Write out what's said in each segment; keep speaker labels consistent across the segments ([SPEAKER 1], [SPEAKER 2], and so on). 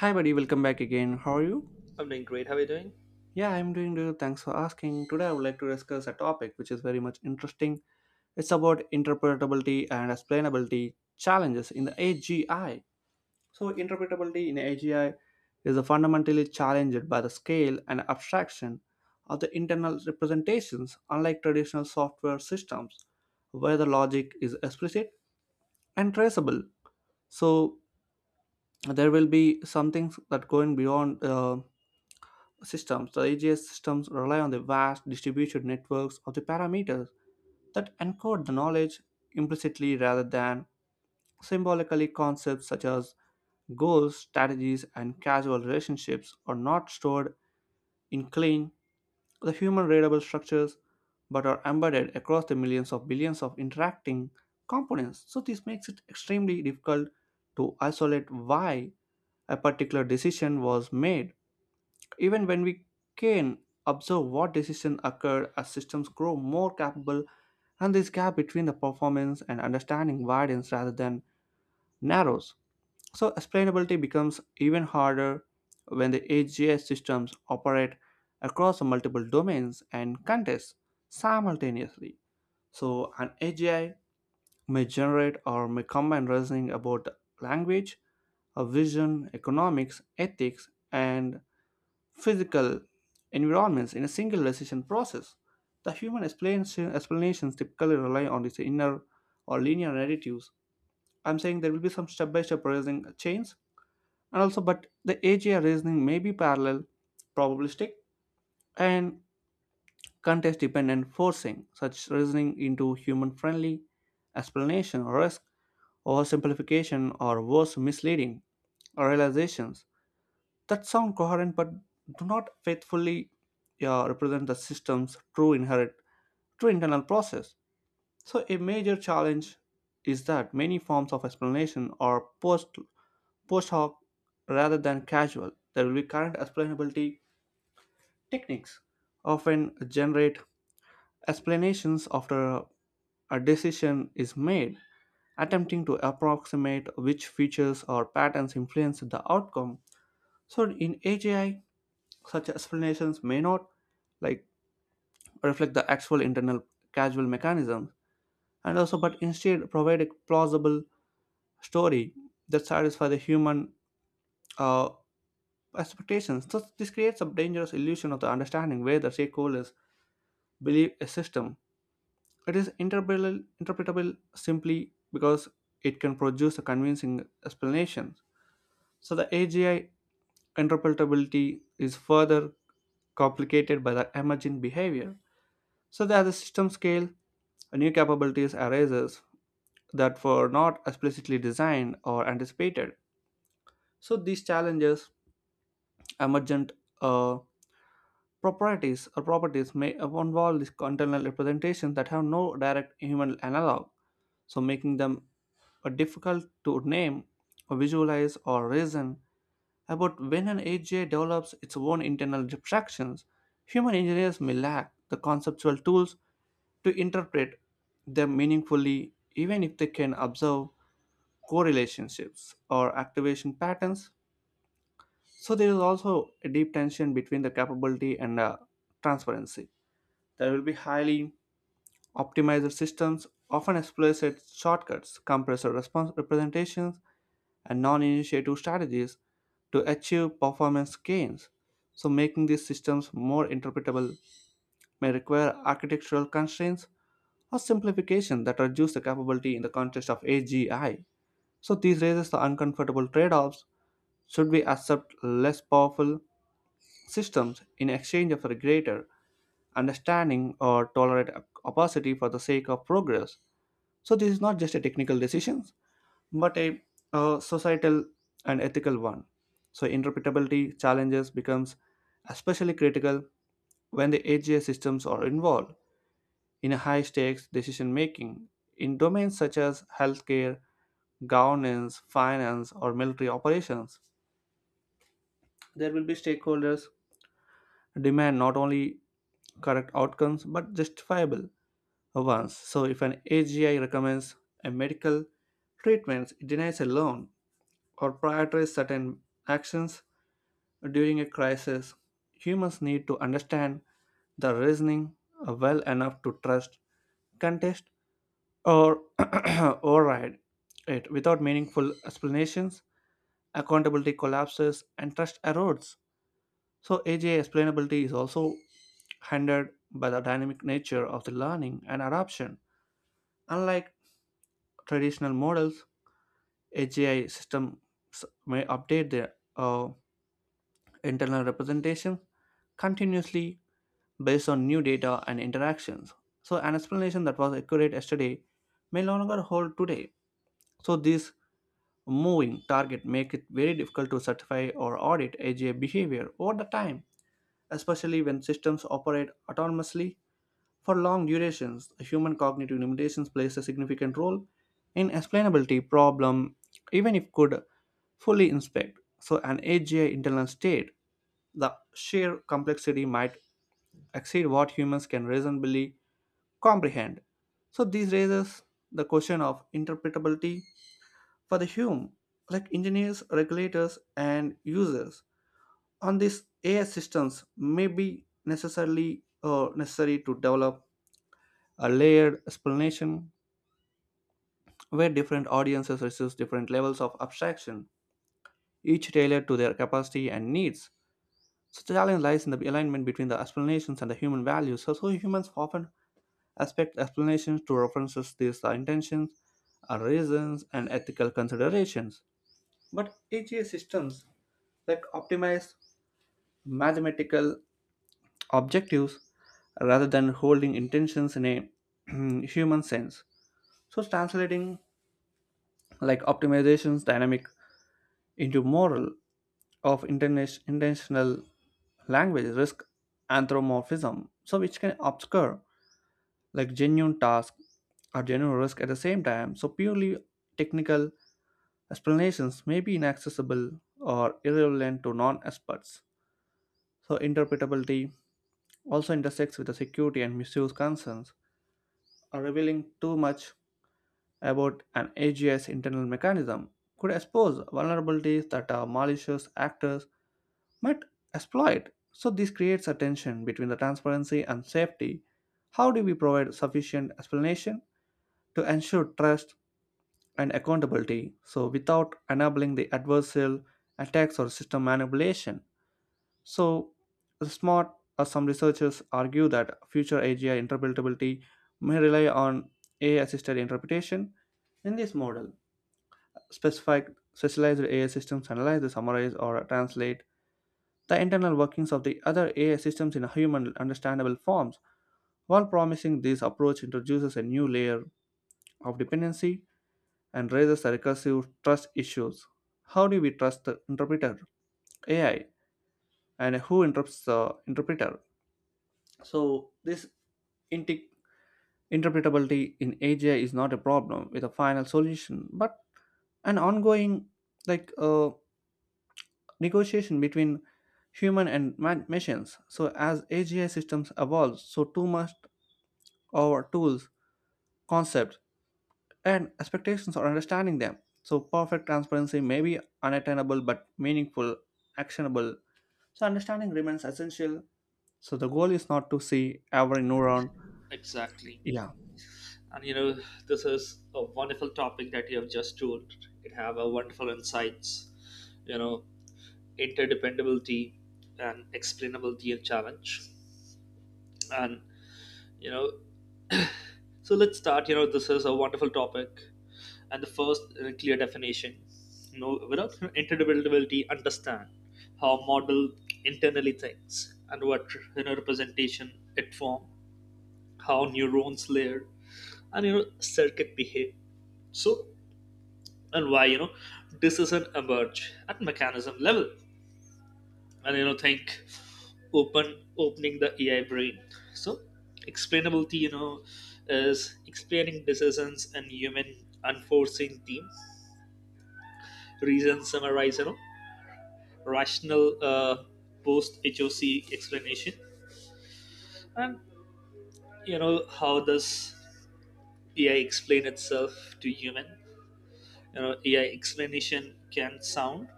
[SPEAKER 1] Hi, buddy. Welcome back again. How are you?
[SPEAKER 2] I'm doing great. How are you doing?
[SPEAKER 1] Yeah, I'm doing good. Thanks for asking. Today, I would like to discuss a topic which is very much interesting. It's about interpretability and explainability challenges in the AGI. So, interpretability in AGI is fundamentally challenged by the scale and abstraction of the internal representations, unlike traditional software systems, where the logic is explicit and traceable. So, there will be some things that going beyond. Systems. The AGS systems rely on the vast distributed networks of the parameters that encode the knowledge implicitly rather than symbolically. Concepts such as goals, strategies, and causal relationships are not stored in clean, the human readable structures, but are embedded across the millions of billions of interacting components. So, this makes it extremely difficult to isolate why a particular decision was made even when we can observe what decision occurred as systems grow more capable, and this gap between the performance and understanding widens rather than narrows. So, explainability becomes even harder when the AGI systems operate across multiple domains and contexts simultaneously. So, an AGI may generate or may combine reasoning about language, a vision, economics, ethics, and physical environments in a single decision process. The human explanations typically rely on these inner or linear narratives. I'm saying there will be some step by step reasoning chains, and also, but the AGI reasoning may be parallel, probabilistic, and context dependent, forcing such reasoning into human friendly explanation or risk, oversimplification, or worse, misleading or realizations that sound coherent but do not faithfully represent the system's true internal process. So a major challenge is that many forms of explanation are post hoc rather than casual. There will be current explainability techniques often generate explanations after a decision is made, attempting to approximate which features or patterns influenced the outcome. So in AGI such explanations may not like reflect the actual internal causal mechanisms, and also but instead provide a plausible story that satisfies the human uh, expectations. So this creates a dangerous illusion of the understanding where the stakeholders believe a system. It is interpretable simply because it can produce a convincing explanation. So the AGI interpretability is further complicated by the emergent behavior. So that the system scale, new capabilities arises that were not explicitly designed or anticipated. So these challenges, emergent uh, properties may involve these internal representations that have no direct human analog, so making them difficult to name, or visualize, or reason about. When an AGI develops its own internal abstractions, human engineers may lack the conceptual tools to interpret them meaningfully, even if they can observe correlationships or activation patterns. So there is also a deep tension between the capability and transparency. There will be highly optimized systems often explicit shortcuts, compressor response representations, and non-initiative strategies to achieve performance gains. So making these systems more interpretable may require architectural constraints or simplification that reduce the capability in the context of AGI. So this raises the uncomfortable trade-offs. Should we accept less powerful systems in exchange for a greater understanding or tolerate opacity for the sake of progress? So this is not just a technical decision, but a societal and ethical one. So interpretability challenges becomes especially critical when the AGI systems are involved in high stakes decision making in domains such as healthcare, governance, finance or military operations. There will be stakeholders demand not only correct outcomes but justifiable ones. So if an AGI recommends a medical treatment, it denies a loan or prioritizes certain actions during a crisis, humans need to understand the reasoning well enough to trust, contest, or override it. Without meaningful explanations, accountability collapses and trust erodes. So, AJ explainability is also hindered by the dynamic nature of the learning and adoption. Unlike traditional models, AGI systems may update their internal representation continuously based on new data and interactions. So, an explanation that was accurate yesterday may no longer hold today. So, this moving target makes it very difficult to certify or audit AGI behavior over the time, especially when systems operate autonomously for long durations. Human cognitive limitations plays a significant role in explainability problem, even if could fully inspect. So, an AGI internal state, the sheer complexity might exceed what humans can reasonably comprehend. So this raises the question of interpretability for the human, like engineers, regulators, and users. On this, AI systems may be necessarily necessary to develop a layered explanation where different audiences receive different levels of abstraction, each tailored to their capacity and needs. So the challenge lies in the alignment between the explanations and the human values. So humans often aspect explanations to references these intentions are reasons and ethical considerations. But AGI systems optimize mathematical objectives rather than holding intentions in a human sense. So translating optimization's dynamic into moral of intentional language risk anthropomorphism, so which can obscure genuine task or genuine risk at the same time. So purely technical explanations may be inaccessible or irrelevant to non-experts. So interpretability also intersects with the security and misuse concerns. Or revealing too much about an AGI's internal mechanism could expose vulnerabilities that are malicious actors might exploit. So this creates a tension between the transparency and safety. How do we provide sufficient explanation to ensure trust and accountability so without enabling the adversarial attacks or system manipulation? So smart Some researchers argue that future AGI interpretability may rely on AI assisted interpretation. In this model specific specialized AI systems analyze summarize or translate the internal workings of the other AI systems in human understandable forms. While promising, this approach introduces a new layer of dependency and raises recursive trust issues. How do we trust the interpreter, AI, and who interrupts the interpreter? So, this inti- interpretability in AGI is not a problem with a final solution, but an ongoing like uh, negotiation between human and machines. So, as AGI systems evolve, so too must our tools, concepts, and expectations or understanding them. So, perfect transparency may be unattainable but meaningful, actionable. So, understanding remains essential. So, the goal is not to see every neuron.
[SPEAKER 2] Exactly.
[SPEAKER 1] Yeah.
[SPEAKER 2] And you know, this is a wonderful topic that you have just told. It have a wonderful insights, you know, interdependability and explainability and challenge. And you know, so let's start. You know, this is a wonderful topic. And the first clear definition. You know, without interdependability, understand how model internally thinks and what representation it form, how neurons layer, and circuit behave so and why decision emerge at mechanism level and you know think open opening the ai brain so explainability is explaining decisions and human unforcing team reason summarize rational post hoc explanation and how does ai explain itself to human, ai explanation can sound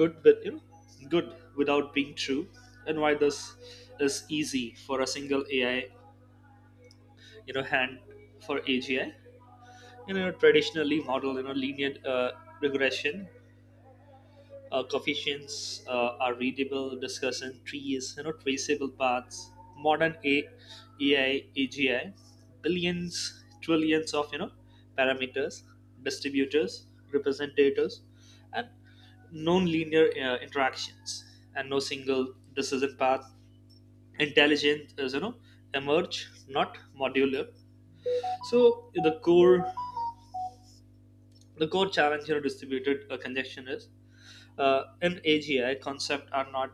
[SPEAKER 2] good good without being true and why this is easy for a single ai, hand for agi, traditionally model, linear regression coefficients are readable discussion trees, traceable paths modern ai agi billions trillions of parameters distributors representatives and non-linear interactions and no single decision path intelligence is emerge not modular. So the core challenge, distributed congestion is in AGI, concepts are not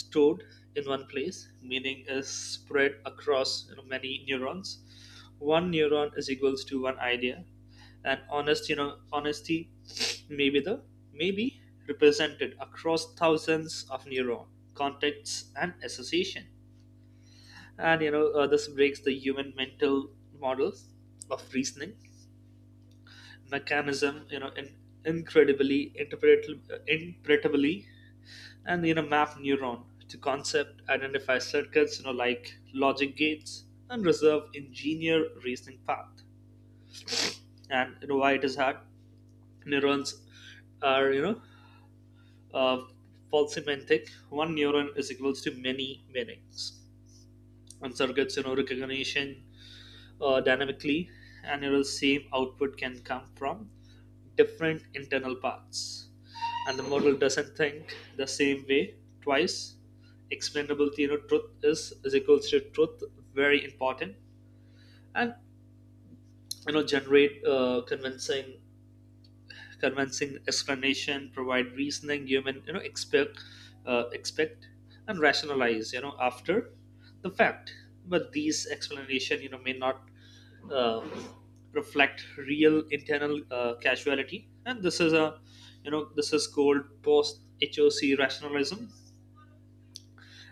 [SPEAKER 2] stored in one place. Meaning is spread across, many neurons. One neuron is equals to one idea, and honest, honesty may be the maybe represented across thousands of neuron contacts and association. This breaks the human mental models of reasoning mechanism. You know, in incredibly interpretably and map neuron to concept, identify circuits, you know, like logic gates, and reserve engineer reasoning path. And you know why it is hard? Neurons are, uh, polysemantic. One neuron is equals to many meanings, and circuits, recognition dynamically, and, same output can come from different internal paths, and the model doesn't think the same way twice. Explainability, truth is equals to truth, very important, and, generate convincing explanation, provide reasoning, human, expect and rationalize, after the fact. But these explanation, may not uh, reflect real internal casuality, and this is a, this is called post HOC rationalism,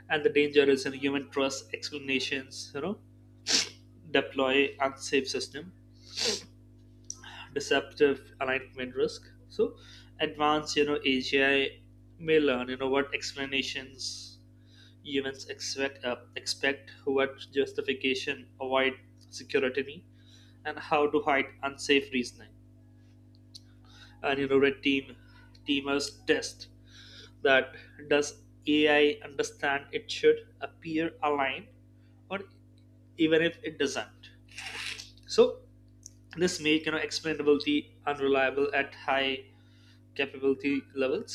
[SPEAKER 2] and the danger is in human trust explanations, deploy unsafe system, deceptive alignment risk. So advanced, agi may learn, what explanations humans expect, what justification avoid security, and how to hide unsafe reasoning. And you know red team teamers test that does ai understand it should appear aligned or even if it doesn't. So this make, explainability unreliable at high capability levels.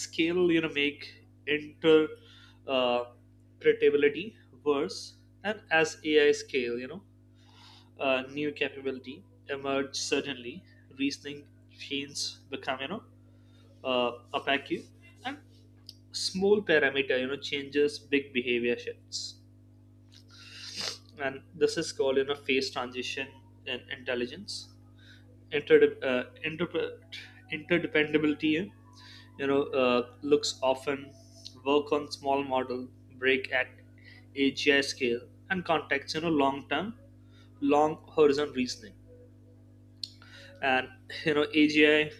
[SPEAKER 2] Scale, make interpretability worse, and as AI scale, new capability emerge suddenly. Reasoning chains become, uh, opaque, and small parameter, changes big behavior shifts, and this is called, phase transition in intelligence inter, uh, inter, interdependability, looks often work on small model, break at AGI scale. And context, long term long horizon reasoning, and, AGI,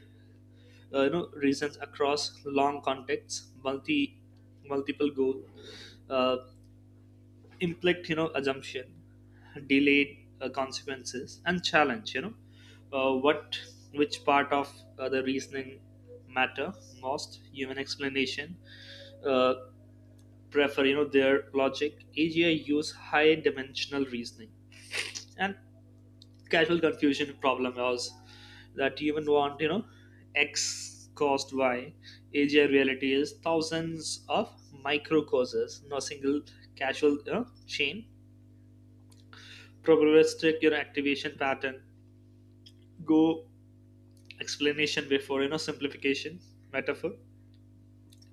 [SPEAKER 2] reasons across long contexts multi multiple goal uh, inflict, assumption, delay consequences, and challenge, what which part of the reasoning matter most. Human explanation uh, prefer, their logic. AGI use high dimensional reasoning, and casual confusion problem was that human want, x caused y. AGI reality is thousands of micro causes, no single casual, chain probabilistic, your activation pattern, go explanation before, simplification, metaphor,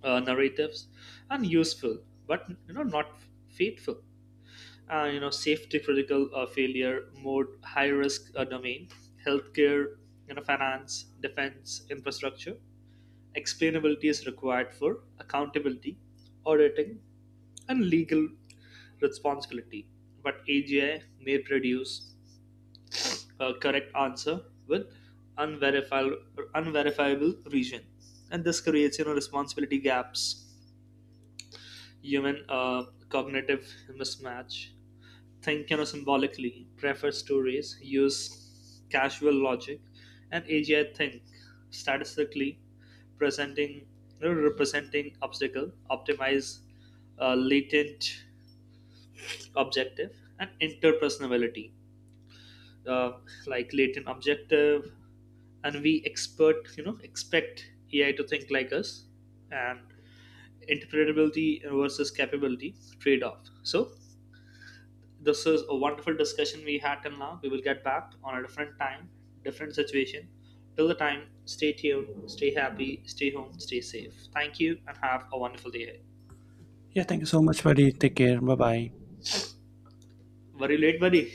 [SPEAKER 2] narratives, and useful but, not faithful. Safety critical failure mode, high risk domain, healthcare, finance, defense, infrastructure, explainability is required for accountability, auditing, and legal responsibility. But agi may produce correct answer with unverifiable unverifiable region, and this creates, responsibility gaps, human cognitive mismatch, think, symbolically, prefer stories, use casual logic. And agi think statistically, presenting, representing obstacle, optimize latent objective, and interpersonality uh, like latent objective. And we expert, expect ai to think like us, and interpretability versus capability trade-off. So this is a wonderful discussion we had till now. We will get back on a different time, different situation. Till the time, stay tuned, stay happy, stay home, stay safe. Thank you and have a wonderful day.
[SPEAKER 1] Yeah, thank you so much, buddy. Take care. Bye bye.
[SPEAKER 2] Very late buddy.